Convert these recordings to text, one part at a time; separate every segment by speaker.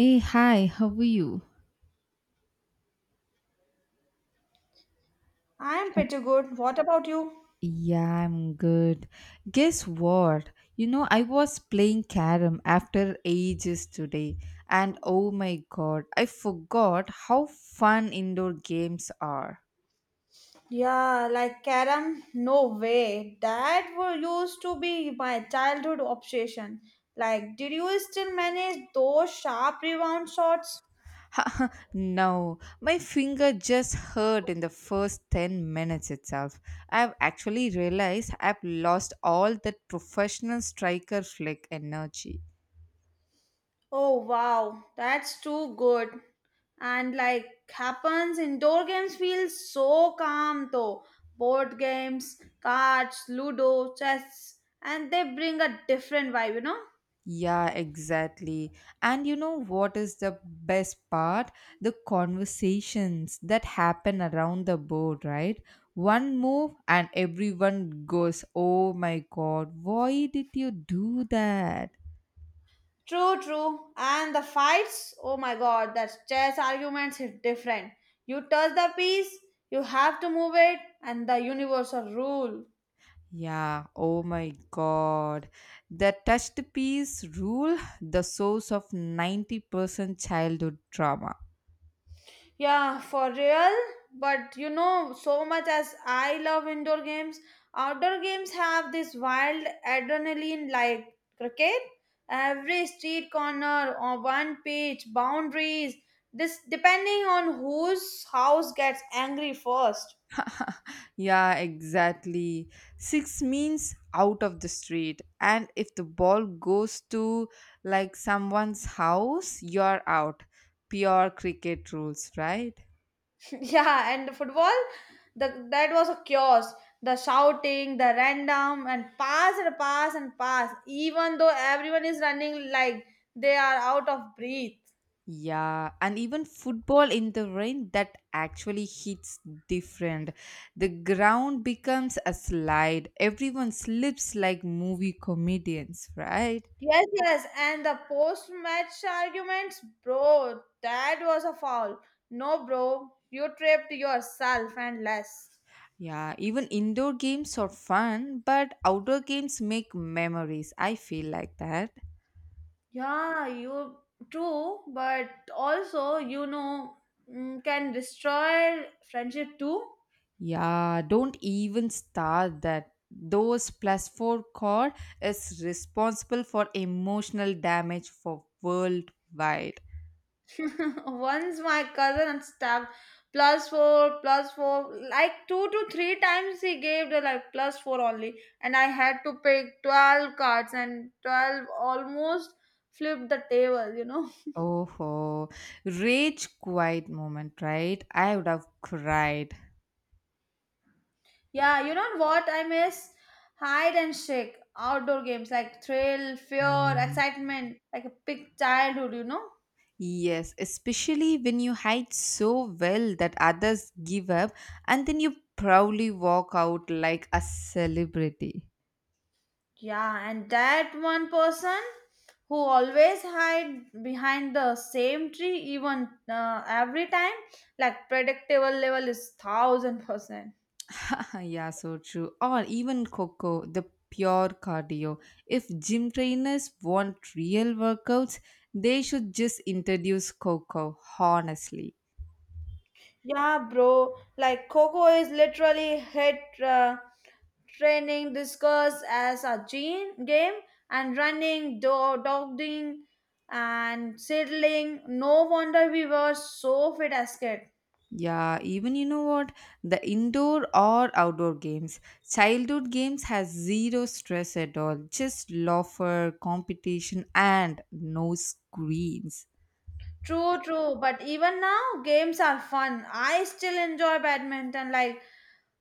Speaker 1: Hey, hi, how are you?
Speaker 2: I am pretty good. What about you?
Speaker 1: Yeah, I'm good. Guess what? You know, I was playing carom after ages today, and oh my god, I forgot how fun indoor games are.
Speaker 2: Yeah, like carom, no way. That were used to be my childhood obsession. Like, did you still manage those sharp rebound shots?
Speaker 1: No, my finger just hurt in the first 10 minutes itself. I've actually realized I've lost all that professional striker flick energy.
Speaker 2: Oh wow, that's too good. And like happens, indoor games feel so calm though. Board games, cards, ludo, chess, and they bring a different vibe, you know?
Speaker 1: Yeah, exactly. And you know what is the best part? The conversations that happen around the board, right? One move and everyone goes, oh my god, why did you do that?
Speaker 2: True, true. And the fights, oh my god, that's chess arguments is different. You touch the piece, you have to move it, and the universal rule.
Speaker 1: Yeah, oh my god. The touched piece rule, the source of 90% childhood trauma.
Speaker 2: Yeah, for real. But you know, so much as I love indoor games, outdoor games have this wild adrenaline like cricket. Every street corner or one pitch, boundaries, this depending on whose house gets angry first.
Speaker 1: Yeah, exactly. Six means out of the street. And if the ball goes to like someone's house, you're out. Pure cricket rules, right?
Speaker 2: Yeah, and football, the that was a chaos. The shouting, the random, and pass and pass and pass. Even though everyone is running like they are out of breath.
Speaker 1: Yeah, and even football in the rain that actually hits different. The ground becomes a slide. Everyone slips like movie comedians, right?
Speaker 2: Yes, yes, and the post-match arguments, bro. That was a foul. No, bro, you tripped yourself and less.
Speaker 1: Yeah, even indoor games are fun, but outdoor games make memories. I feel like that.
Speaker 2: Yeah, you true, but also can destroy friendship too.
Speaker 1: Yeah, don't even start that. Those plus four core is responsible for emotional damage for worldwide.
Speaker 2: Once my cousin unstuck plus four, like two to three times he gave the like plus four only, and I had to pick 12 cards and 12 almost flipped the table, you know.
Speaker 1: Oh, rage quiet moment, right? I would have cried.
Speaker 2: Yeah, you know what I miss? Hide and seek outdoor games like thrill, fear,
Speaker 1: Mm.
Speaker 2: excitement, like a big childhood, you know.
Speaker 1: Yes, especially when you hide so well that others give up and then you proudly walk out like a celebrity.
Speaker 2: Yeah, and that one person who always hide behind the same tree, even every time, like predictable level is 1000%.
Speaker 1: Yeah, so true. Or even Coco, the pure cardio. If gym trainers want real workouts, they should just introduce Coco, honestly.
Speaker 2: Yeah, bro. Like Coco is literally hit uh, training discuss as a gene game and running, dogging, and settling. No wonder we were so fit as kids.
Speaker 1: Yeah, even you know what? The indoor or outdoor games. Childhood games has zero stress at all. Just laughter, competition and no screens.
Speaker 2: True, true. But even now, games are fun. I still enjoy badminton, like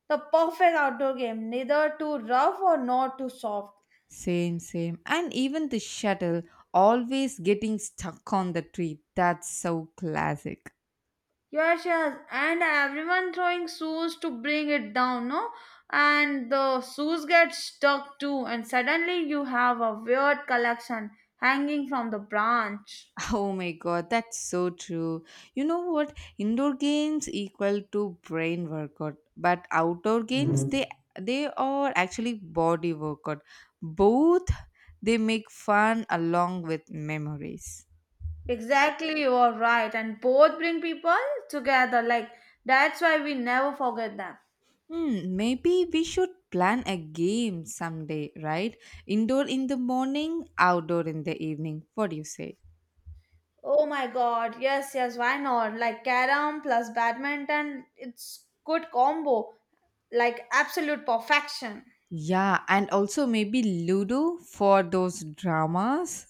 Speaker 2: the perfect outdoor game, neither too rough or not too soft.
Speaker 1: Same, same. And even the shuttle always getting stuck on the tree. That's so classic.
Speaker 2: Yes, yes. And everyone throwing shoes to bring it down, no? And the shoes get stuck too, and suddenly you have a weird collection hanging from the branch.
Speaker 1: Oh my god, that's so true. You know what? Indoor games equal to brain workout, but outdoor games, mhm, they are actually body workout. Both, they make fun along with memories.
Speaker 2: Exactly, you are right. And both bring people together, like that's why we never forget them.
Speaker 1: Hmm, maybe we should plan a game someday, right? Indoor in the morning, outdoor in the evening. What do you say?
Speaker 2: Oh my god, yes, yes, why not? Like carom plus badminton, it's good combo, like absolute perfection.
Speaker 1: Yeah, and also maybe Ludo for those dramas.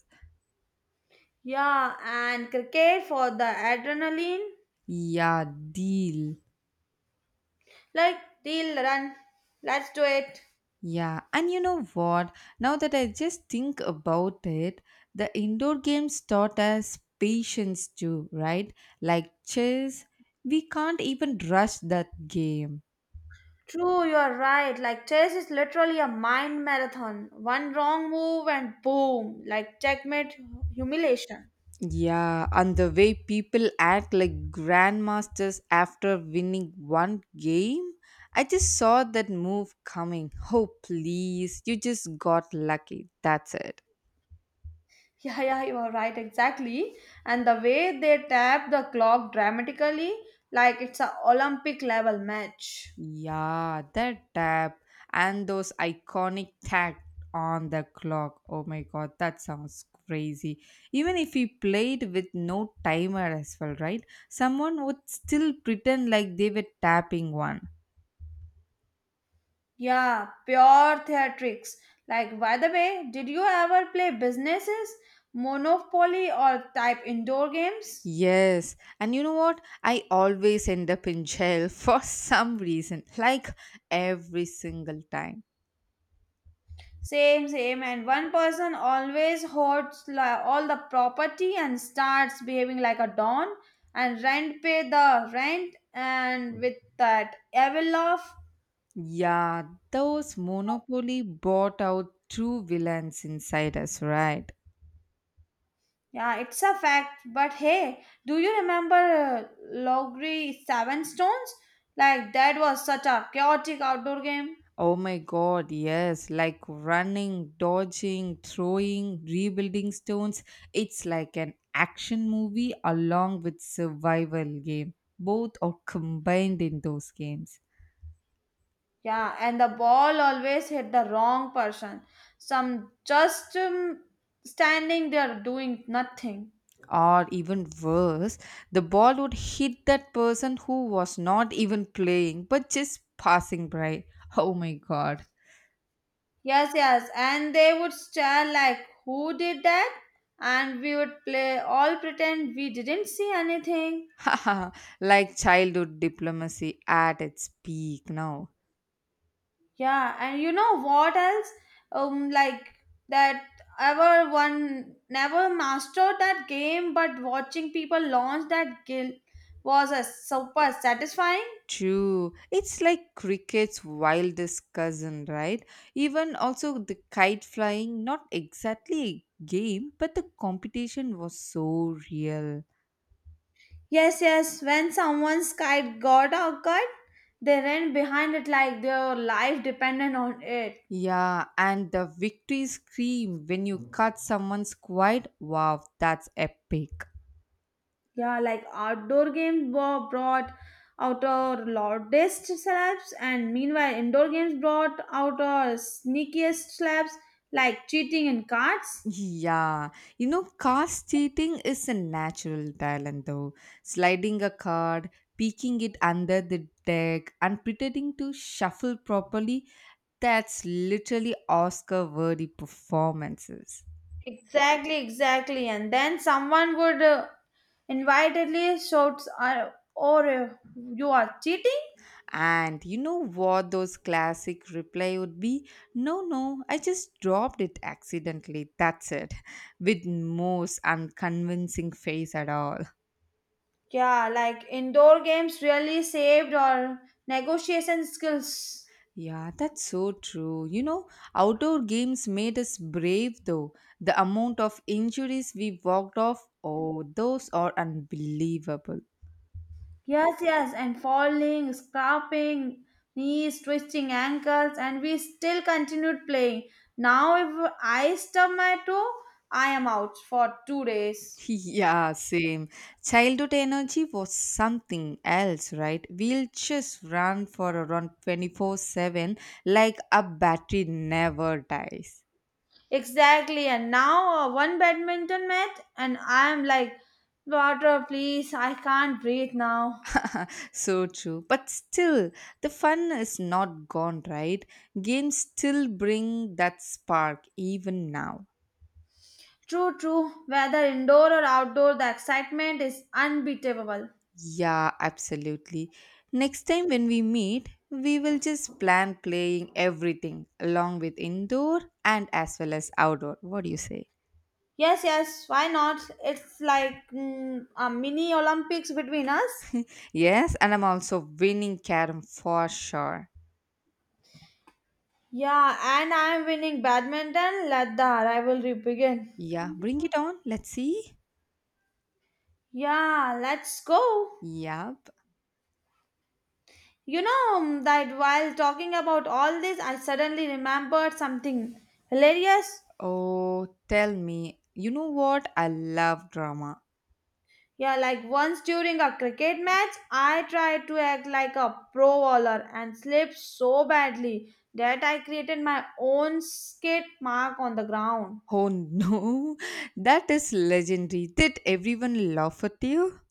Speaker 2: Yeah, and cricket for the adrenaline,
Speaker 1: Yeah, deal.
Speaker 2: like deal run, let's do it.
Speaker 1: Yeah, and you know what? Now that I just think about it, the indoor games taught us patience too, right? Like chess, we can't even rush that game.
Speaker 2: True, you're right. Like chess is literally a mind marathon. One wrong move and boom, like checkmate humiliation.
Speaker 1: Yeah, and the way people act like grandmasters after winning one game, I just saw that move coming. Oh, please, you just got lucky. That's it.
Speaker 2: Yeah, yeah, you are right, exactly. And the way they tap the clock dramatically, like it's a Olympic level match.
Speaker 1: Yeah, that tap and those iconic tack on the clock. Oh my god, that sounds crazy. Even if we played with no timer as well, right? Someone would still pretend like they were tapping one.
Speaker 2: Yeah, pure theatrics. Like, by the way, did you ever play businesses, Monopoly, or type indoor games?
Speaker 1: Yes, and you know what? I always end up in jail for some reason, like every single time.
Speaker 2: Same, same. And one person always hoards all the property and starts behaving like a don and rent pay the rent and with that evil laugh.
Speaker 1: Yeah, those Monopoly brought out true villains inside us, right?
Speaker 2: Yeah, it's a fact. But hey, do you remember Logri Seven Stones? Like that was such a chaotic outdoor game.
Speaker 1: Oh my god, yes, like running, dodging, throwing, rebuilding stones. It's like an action movie along with survival game. Both are combined in those games.
Speaker 2: Yeah, and the ball always hit the wrong person. Some just standing there doing nothing.
Speaker 1: Or even worse, the ball would hit that person who was not even playing but just passing by. Oh my god.
Speaker 2: Yes, yes, and they would stare like, "Who did that?" And we would play all pretend we didn't see anything.
Speaker 1: Like childhood diplomacy at its peak now.
Speaker 2: Yeah, and you know what else? Like that ever one never mastered that game, but watching people launch that guild was a super satisfying.
Speaker 1: True. It's like cricket's wildest cousin, right? Even also the kite flying, not exactly a game, but the competition was so real.
Speaker 2: Yes, yes. When someone's kite got out cut, they ran behind it like their life depended on it.
Speaker 1: Yeah, and the victory scream when you cut someone's quite wow, that's epic.
Speaker 2: Yeah, like outdoor games brought out our loudest slaps, and meanwhile, indoor games brought out our sneakiest slaps, like cheating in cards.
Speaker 1: Yeah, you know, cast cheating is a natural talent though. Sliding a card, peeking it under the deck, and pretending to shuffle properly, that's literally Oscar worthy performances.
Speaker 2: Exactly, exactly. And then someone would invitedly shouts, "Or you are cheating!"
Speaker 1: And you know what those classic reply would be? No, no, I just dropped it accidentally. That's it. With most unconvincing face at all.
Speaker 2: Yeah, like indoor games really saved our negotiation skills.
Speaker 1: Yeah, that's so true. You know, outdoor games made us brave though. The amount of injuries we walked off, oh, those are unbelievable.
Speaker 2: Yes, yes, and falling, scraping, knees, twisting ankles, and we still continued playing. Now, if I stub my toe, I am out for 2 days.
Speaker 1: Yeah, same. Childhood energy was something else, right? We'll just run for around 24 7 like a battery never dies.
Speaker 2: Exactly, and now one badminton match, and I am like, water, please, I can't breathe now.
Speaker 1: So true. But still, the fun is not gone, right? Games still bring that spark even now.
Speaker 2: True, true, whether indoor or outdoor, the excitement is unbeatable.
Speaker 1: Yeah, absolutely. Next time when we meet, we will just plan playing everything along with indoor and as well as outdoor. What do you say?
Speaker 2: Yes, yes, why not? It's like a mini Olympics between us.
Speaker 1: Yes, and I'm also winning carom for sure.
Speaker 2: Yeah, and I am winning badminton. Let the rivalry begin.
Speaker 1: Yeah, bring it on. Let's see.
Speaker 2: Yeah, let's go.
Speaker 1: Yep.
Speaker 2: You know that while talking about all this, I suddenly remembered something hilarious.
Speaker 1: Oh, tell me. You know what? I love drama.
Speaker 2: Yeah, like once during a cricket match, I tried to act like a pro bowler and slipped so badly that I created my own skate mark on the ground.
Speaker 1: Oh no, that is legendary. Did everyone laugh at you?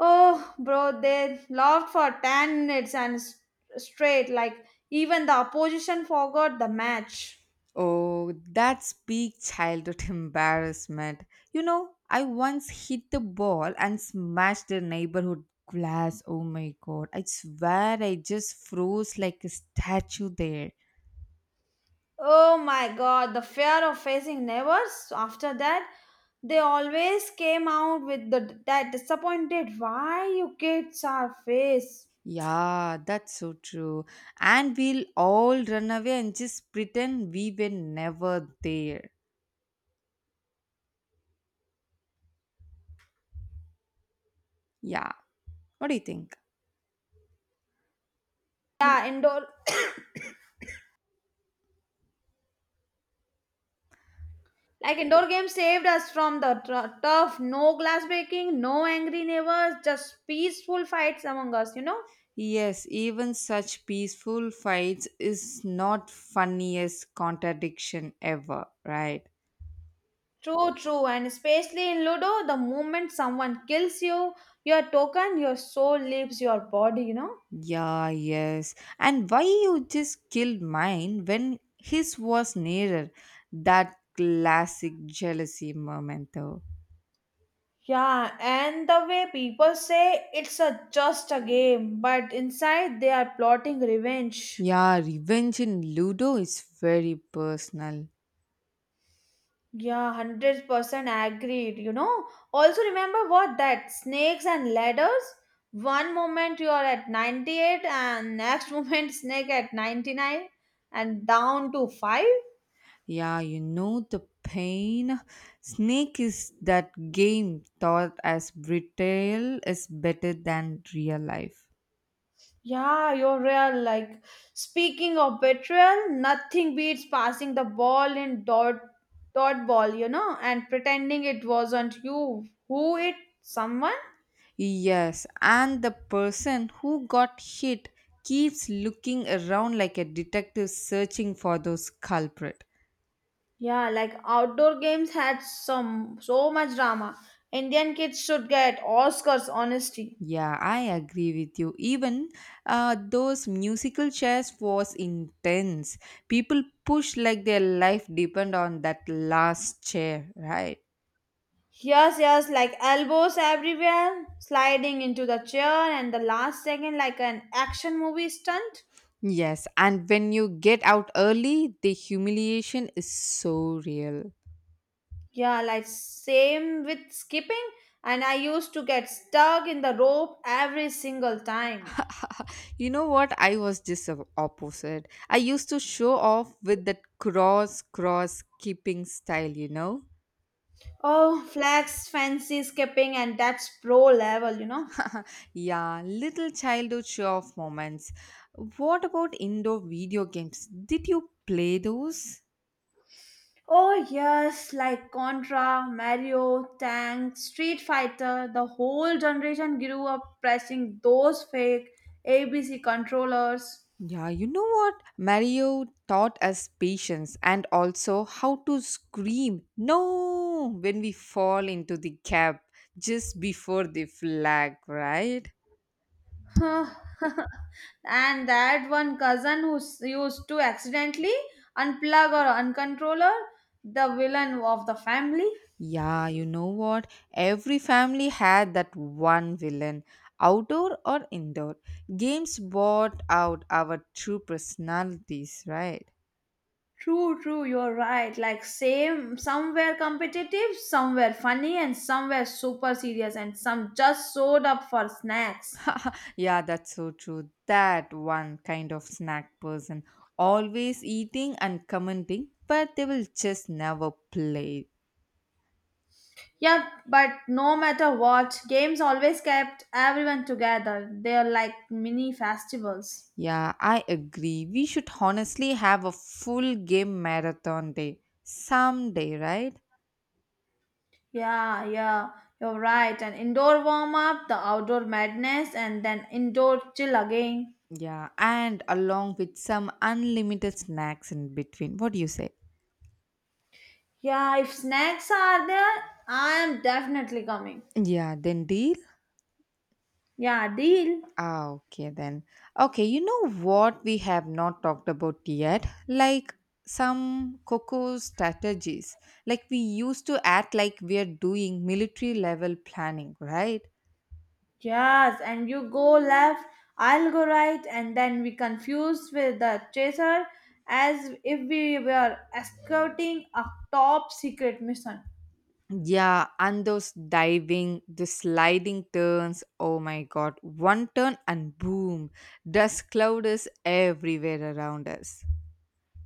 Speaker 2: Oh, bro, they laughed for 10 minutes and straight, like even the opposition forgot the match.
Speaker 1: Oh, that's big childhood embarrassment. You know, I once hit the ball and smashed the neighborhood glass. Oh my god, I swear I just froze like a statue there.
Speaker 2: Oh my god, the fear of facing neighbors after that, they always came out with the that disappointed why you kids are face.
Speaker 1: Yeah, that's so true. And we'll all run away and just pretend we were never there. Yeah, what do you think?
Speaker 2: Yeah, indoor games saved us from the tough, no glass breaking, no angry neighbors, just peaceful fights among us, you know?
Speaker 1: Yes, even such peaceful fights is not funniest contradiction ever, right?
Speaker 2: True, true, and especially in Ludo, the moment someone kills you, your token, your soul leaves your body, you know?
Speaker 1: Yeah, yes. And why you just killed mine when his was nearer? That classic jealousy moment though.
Speaker 2: Yeah, and the way people say it's a just a game, but inside they are plotting revenge.
Speaker 1: Yeah, revenge in Ludo is very personal.
Speaker 2: Yeah, 100% agreed, you know? Also, remember what that snakes and ladders? One moment you are at 98, and next moment snake at 99, and down to 5.
Speaker 1: Yeah, you know the pain. Snake is that game thought as betrayal is better than real life.
Speaker 2: Yeah, you're real. Like, speaking of betrayal, nothing beats passing the ball in dot dot ball, you know, and pretending it wasn't you. Who it? Someone?
Speaker 1: Yes, and the person who got hit keeps looking around like a detective searching for those culprit.
Speaker 2: Yeah, like outdoor games had some so much drama. Indian kids should get Oscars, honesty.
Speaker 1: Yeah, I agree with you. Even those musical chairs was intense. People push like their life depend on that last chair, right?
Speaker 2: Yes, yes, like elbows everywhere, sliding into the chair, and the last second, like an action movie stunt.
Speaker 1: Yes, and when you get out early, the humiliation is so real.
Speaker 2: Yeah, like same with skipping, and I used to get stuck in the rope every single time.
Speaker 1: You know what? I was just the opposite. I used to show off with that cross, cross keeping style, you know?
Speaker 2: Oh, flex, fancy skipping, and that's pro level, you know.
Speaker 1: Yeah, little childhood show off moments. What about indoor video games? Did you play those?
Speaker 2: Oh, yes, like Contra, Mario, Tank, Street Fighter, the whole generation grew up pressing those fake ABC controllers.
Speaker 1: Yeah, you know what? Mario taught us patience and also how to scream no when we fall into the gap just before the flag, right?
Speaker 2: Huh. And that one cousin who used to accidentally unplug or uncontroller the villain of the family.
Speaker 1: Yeah, you know what? Every family had that one villain, outdoor or indoor. Games brought out our true personalities, right?
Speaker 2: True, true, you're right. Like same somewhere competitive, somewhere funny, and somewhere super serious, and some just showed up for snacks.
Speaker 1: Yeah, that's so true. That one kind of snack person, always eating and commenting, but they will just never play.
Speaker 2: Yeah, but no matter what, games always kept everyone together. They're like mini festivals.
Speaker 1: Yeah, I agree. We should honestly have a full game marathon day someday, right?
Speaker 2: Yeah, yeah, you're right. An indoor warm up, the outdoor madness, and then indoor chill again.
Speaker 1: Yeah, and along with some unlimited snacks in between. What do you say?
Speaker 2: Yeah, if snacks are there, I am definitely coming.
Speaker 1: Yeah, then deal?
Speaker 2: Yeah, deal.
Speaker 1: Ah, okay then. Okay, you know what we have not talked about yet? Like some cocoa strategies. Like we used to act like we are doing military level planning, right?
Speaker 2: Yes, and you go left, I'll go right, and then we confuse with the chaser as if we were escorting a top secret mission.
Speaker 1: Yeah, and those diving, the sliding turns. Oh my god, one turn and boom, dust cloud is everywhere around us.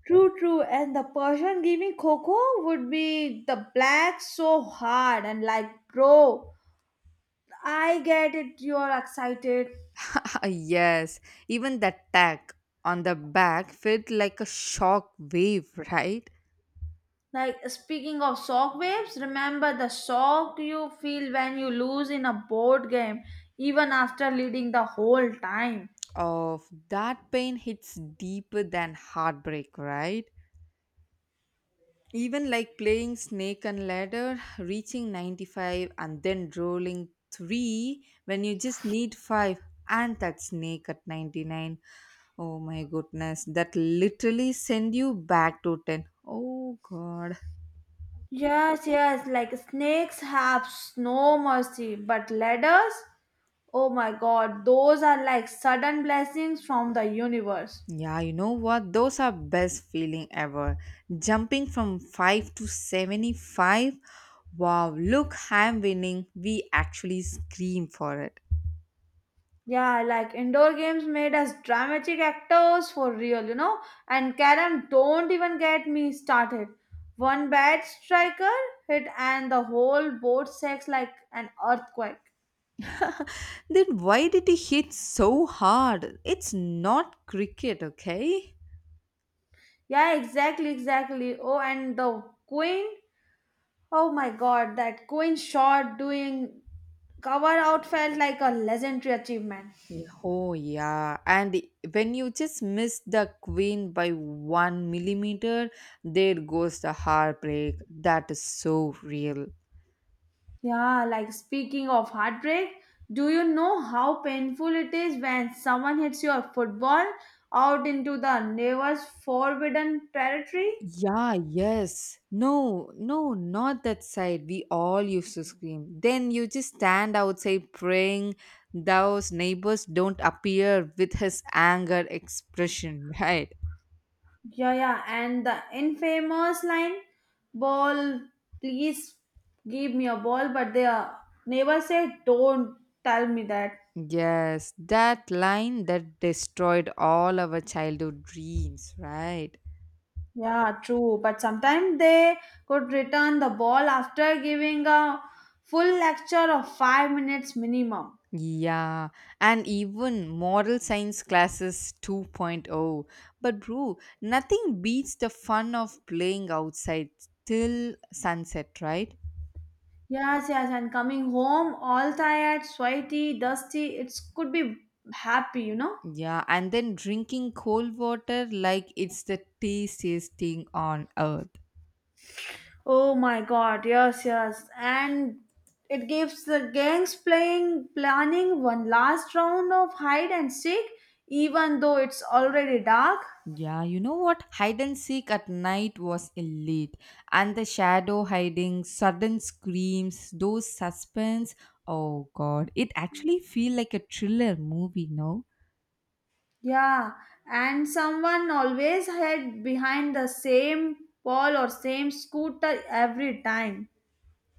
Speaker 2: True, true. And the person giving cocoa would be the black so hard and like, bro, I get it. You are excited.
Speaker 1: Yes, even the tag on the back felt like a shock wave, right?
Speaker 2: Like speaking of shock waves, remember the shock you feel when you lose in a board game, even after leading the whole time.
Speaker 1: Of that pain hits deeper than heartbreak, right? Even like playing snake and ladder, reaching 95 and then rolling 3 when you just need 5 and that snake at 99. Oh my goodness, that literally send you back to 10. Oh god.
Speaker 2: Yes, yes. Like snakes have no mercy, but ladders, oh my god, those are like sudden blessings from the universe.
Speaker 1: Yeah, you know what? Those are best feeling ever. Jumping from 5 to 75. Wow, look, I'm winning. We actually scream for it.
Speaker 2: Yeah, like indoor games made us dramatic actors for real, you know. And Karen, don't even get me started. One bad striker hit, and the whole board shakes like an earthquake.
Speaker 1: Then why did he hit so hard? It's not cricket, okay?
Speaker 2: Yeah, exactly, exactly. Oh, and the queen. Oh my god, that queen shot doing cover out felt like a legendary achievement.
Speaker 1: Yeah, oh, yeah. And when you just miss the queen by one millimeter, there goes the heartbreak. That is so real.
Speaker 2: Yeah, like speaking of heartbreak, do you know how painful it is when someone hits your football out into the neighbor's forbidden territory?
Speaker 1: Yeah, yes. No, no, not that side. We all used to scream. Then you just stand outside praying those neighbors don't appear with his anger expression, right?
Speaker 2: Yeah, yeah, and the infamous line, ball, please give me a ball, but the neighbor said, don't tell me that.
Speaker 1: Yes, that line that destroyed all our childhood dreams, right?
Speaker 2: Yeah, true. But sometimes they could return the ball after giving a full lecture of 5 minutes minimum.
Speaker 1: Yeah, and even moral science classes 2.0. But, bro, nothing beats the fun of playing outside till sunset, right?
Speaker 2: Yes, yes, and coming home all tired, sweaty, dusty, it could be happy, you know?
Speaker 1: Yeah, and then drinking cold water like it's the tastiest thing on earth.
Speaker 2: Oh my god, yes, yes. And it gives the gangs playing planning one last round of hide and seek, even though it's already dark.
Speaker 1: Yeah, you know what? Hide and seek at night was elite. And the shadow hiding, sudden screams, those suspense. Oh god, it actually feel like a thriller movie, no?
Speaker 2: Yeah, and someone always hid behind the same wall or same scooter every time.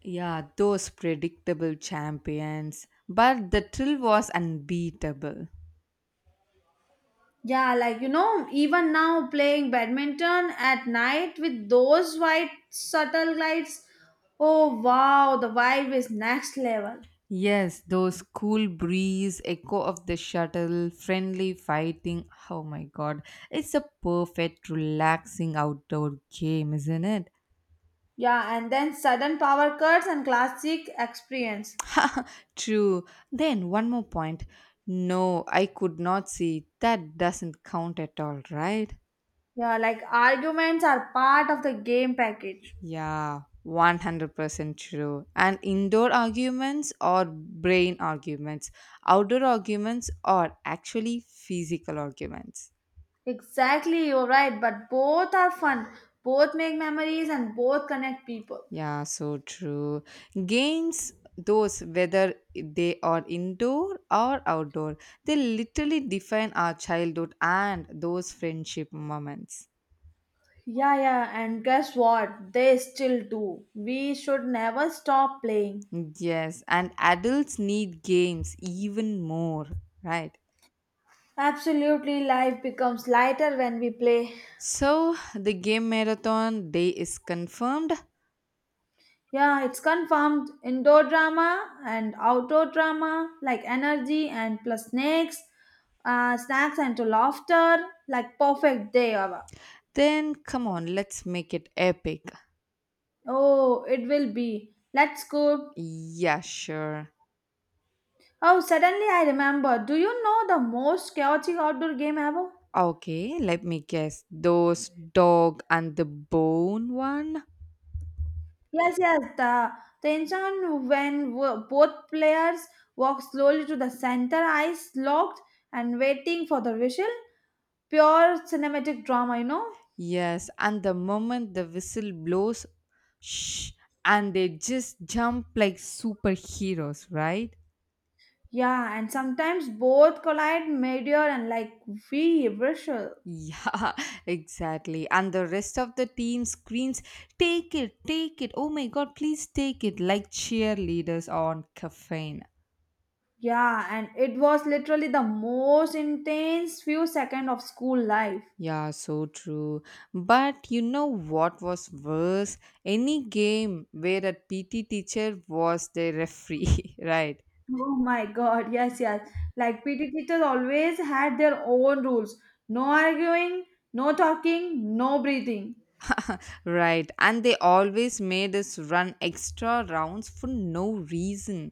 Speaker 1: Yeah, those predictable champions. But the thrill was unbeatable.
Speaker 2: Yeah, like you know, even now playing badminton at night with those white subtle lights. Oh wow, the vibe is next level.
Speaker 1: Yes, those cool breeze, echo of the shuttle, friendly fighting. Oh my god. It's a perfect relaxing outdoor game, isn't it?
Speaker 2: Yeah, and then sudden power cuts and classic experience.
Speaker 1: True. Then one more point. No, I could not see. That doesn't count at all, right?
Speaker 2: Yeah, like arguments are part of the game package.
Speaker 1: Yeah, 100% true. And indoor arguments or brain arguments. Outdoor arguments are actually physical arguments.
Speaker 2: Exactly, you're right, but both are fun. Both make memories and both connect people.
Speaker 1: Yeah, so true. Games, those whether they are indoor or outdoor, they literally define our childhood and those friendship moments.
Speaker 2: Yeah, yeah, and guess what? They still do. We should never stop playing.
Speaker 1: Yes, and adults need games even more, right?
Speaker 2: Absolutely, life becomes lighter when we play.
Speaker 1: So the game marathon day is confirmed.
Speaker 2: Yeah, it's confirmed. Indoor drama and outdoor drama, like energy and plus snacks, snacks and to laughter, like perfect day ever.
Speaker 1: Then come on, let's make it epic.
Speaker 2: Oh, it will be. Let's go.
Speaker 1: Yeah, sure.
Speaker 2: Oh, suddenly I remember. Do you know the most chaotic outdoor game ever?
Speaker 1: Okay, let me guess. Those dog and the bone one?
Speaker 2: Yes, yes. The tension when both players walk slowly to the center, eyes locked and waiting for the whistle. Pure cinematic drama, you know?
Speaker 1: Yes, and the moment the whistle blows, shh, and they just jump like superheroes, right?
Speaker 2: Yeah, and sometimes both collide mid-air and like we whistle.
Speaker 1: Yeah, exactly. And the rest of the team screams, take it, take it, oh my god, please take it, like cheerleaders on caffeine.
Speaker 2: Yeah, and it was literally the most intense few seconds of school life.
Speaker 1: Yeah, so true. But you know what was worse? Any game where a PT teacher was the referee, right?
Speaker 2: Oh my God, yes, yes. Like PT teachers always had their own rules. No arguing, no talking, no breathing.
Speaker 1: Right, and they always made us run extra rounds for no reason.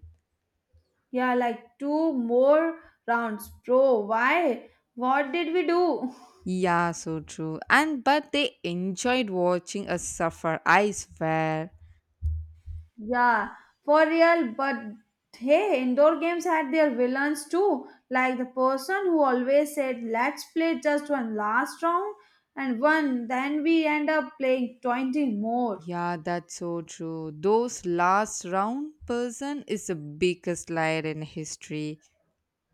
Speaker 2: Yeah, like two more rounds, bro. Why? What did we do?
Speaker 1: Yeah, so true. And but they enjoyed watching us suffer, I swear.
Speaker 2: Yeah, for real. But hey, indoor games had their villains too. Like the person who always said, let's play just one last round and one, then we end up playing 20 more.
Speaker 1: Yeah, that's so true. Those last round person is the biggest liar in history.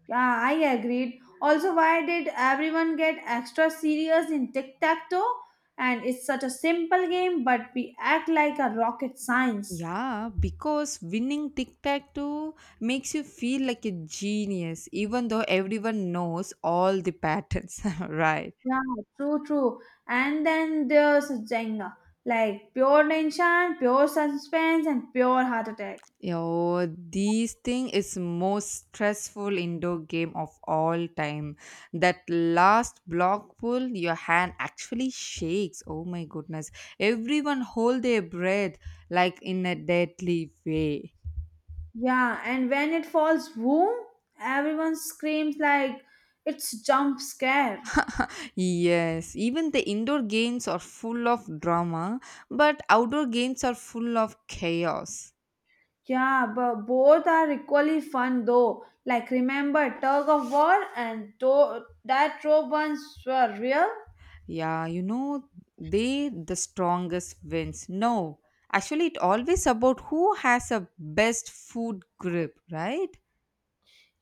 Speaker 2: Yeah, I agreed. Also, why did everyone get extra serious in tic tac toe? And it's such a simple game, but we act like a rocket science.
Speaker 1: Yeah, because winning tic tac toe makes you feel like a genius, even though everyone knows all the patterns, right?
Speaker 2: Yeah, true, true. And then there's Jenga, like pure tension, pure suspense, and pure heart attack.
Speaker 1: Yo, these thing is most stressful indoor game of all time. That last block pull, your hand actually shakes. Oh my goodness! Everyone hold their breath like in a deadly way.
Speaker 2: Yeah, and when it falls, boom, everyone screams like it's jump scare.
Speaker 1: Yes, even the indoor games are full of drama, but outdoor games are full of chaos.
Speaker 2: Yeah, but both are equally fun though. Like remember tug of war and that rope ones were real.
Speaker 1: Yeah, you know, they the strongest wins. No, actually, it always about who has a best food grip, right?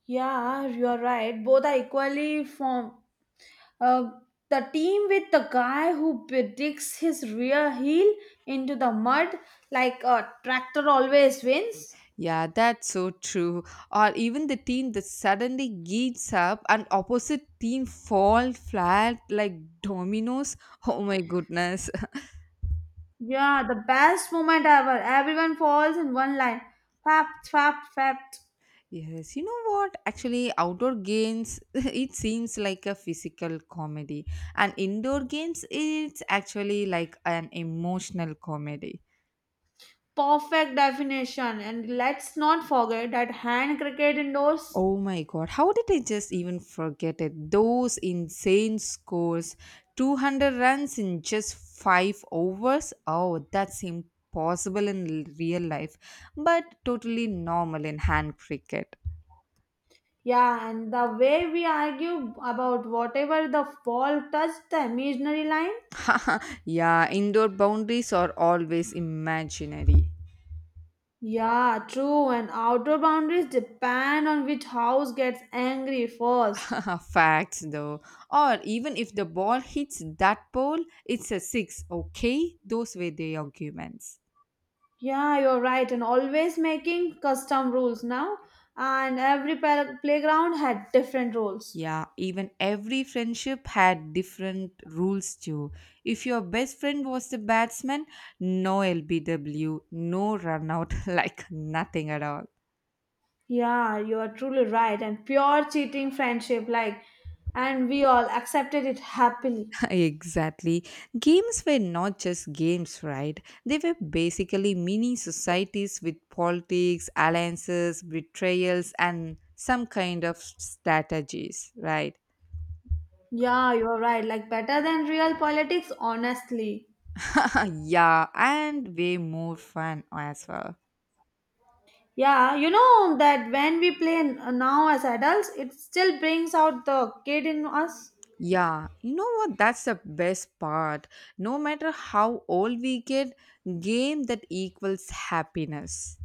Speaker 2: Yeah, you're right. Both are equally fun. Uh, the team with the guy who digs his rear heel into the mud like a tractor always wins.
Speaker 1: Yeah, that's so true. Or even the team that suddenly gets up and opposite team fall flat like dominoes. Oh my goodness.
Speaker 2: Yeah, the best moment ever. Everyone falls in one line. Fap, fap, fap.
Speaker 1: Yes, you know what? Actually, outdoor games it seems like a physical comedy, and indoor games it's actually like an emotional comedy.
Speaker 2: Perfect definition. And let's not forget that hand cricket indoors.
Speaker 1: Oh my god, how did I just even forget it? Those insane scores 200 runs in just 5 overs. Oh, that's impossible in real life, but totally normal in hand cricket.
Speaker 2: Yeah, and the way we argue about whatever the ball touched the imaginary line.
Speaker 1: Yeah, indoor boundaries are always imaginary.
Speaker 2: Yeah, true, and outdoor boundaries depend on which house gets angry first.
Speaker 1: Facts though. Or even if the ball hits that pole, it's a 6, okay? Those were the arguments.
Speaker 2: Yeah, you're right, and always making custom rules now, and every playground had different rules.
Speaker 1: Yeah, even every friendship had different rules too. If your best friend was the batsman, no LBW, no run out, like nothing at all.
Speaker 2: Yeah, you are truly right, and pure cheating friendship, like, and we all accepted it happily.
Speaker 1: Exactly. Games were not just games, right? They were basically mini societies with politics, alliances, betrayals, and some kind of strategies, right?
Speaker 2: Yeah, you're right, like, better than real politics, honestly.
Speaker 1: Yeah, and way more fun as well.
Speaker 2: Yeah, you know that when we play now as adults, it still brings out the kid in us.
Speaker 1: Yeah, you know what? That's the best part. No matter how old we get, game that equals happiness.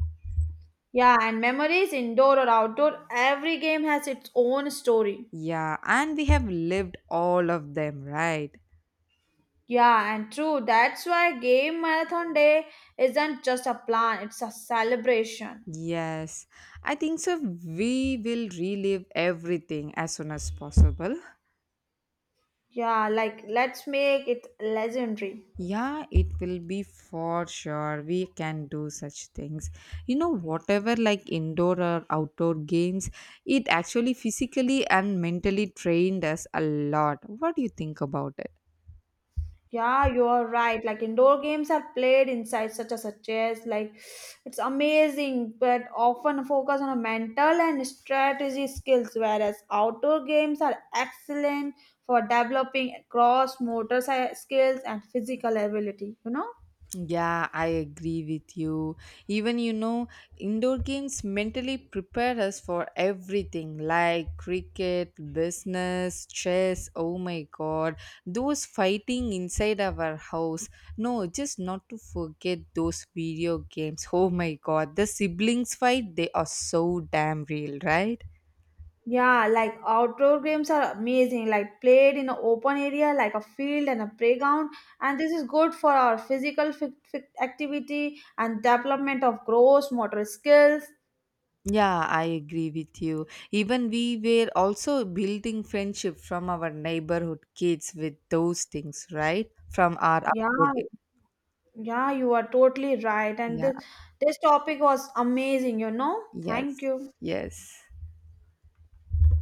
Speaker 2: Yeah, and memories indoor or outdoor, every game has its own story.
Speaker 1: Yeah, and we have lived all of them, right?
Speaker 2: Yeah, and true. That's why game marathon day isn't just a plan, it's a celebration.
Speaker 1: Yes, I think so. We will relive everything as soon as possible.
Speaker 2: Yeah, like let's make it legendary.
Speaker 1: Yeah, it will be for sure. We can do such things. You know, whatever like indoor or outdoor games, it actually physically and mentally trained us a lot. What do you think about it?
Speaker 2: Yeah, you're right. Like indoor games are played inside, such as a chess. Like it's amazing, but often focus on a mental and strategy skills, whereas outdoor games are excellent for developing cross motor skills and physical ability. You know.
Speaker 1: Yeah, I agree with you. Even you know, indoor games mentally prepare us for everything like cricket, business, chess. Oh my god, those fighting inside our house. No, just not to forget those video games. Oh my god, the siblings fight, they are so damn real, right?
Speaker 2: Yeah, like outdoor games are amazing, like played in an open area like a field and a playground. And this is good for our physical fit activity and development of gross motor skills.
Speaker 1: Yeah, I agree with you. Even we were also building friendship from our neighborhood kids with those things, right? From our
Speaker 2: Yeah,
Speaker 1: upbringing.
Speaker 2: yeah, you are totally right. And
Speaker 1: Yeah,
Speaker 2: this topic was amazing, you know. Thank
Speaker 1: yes,
Speaker 2: you.
Speaker 1: yes.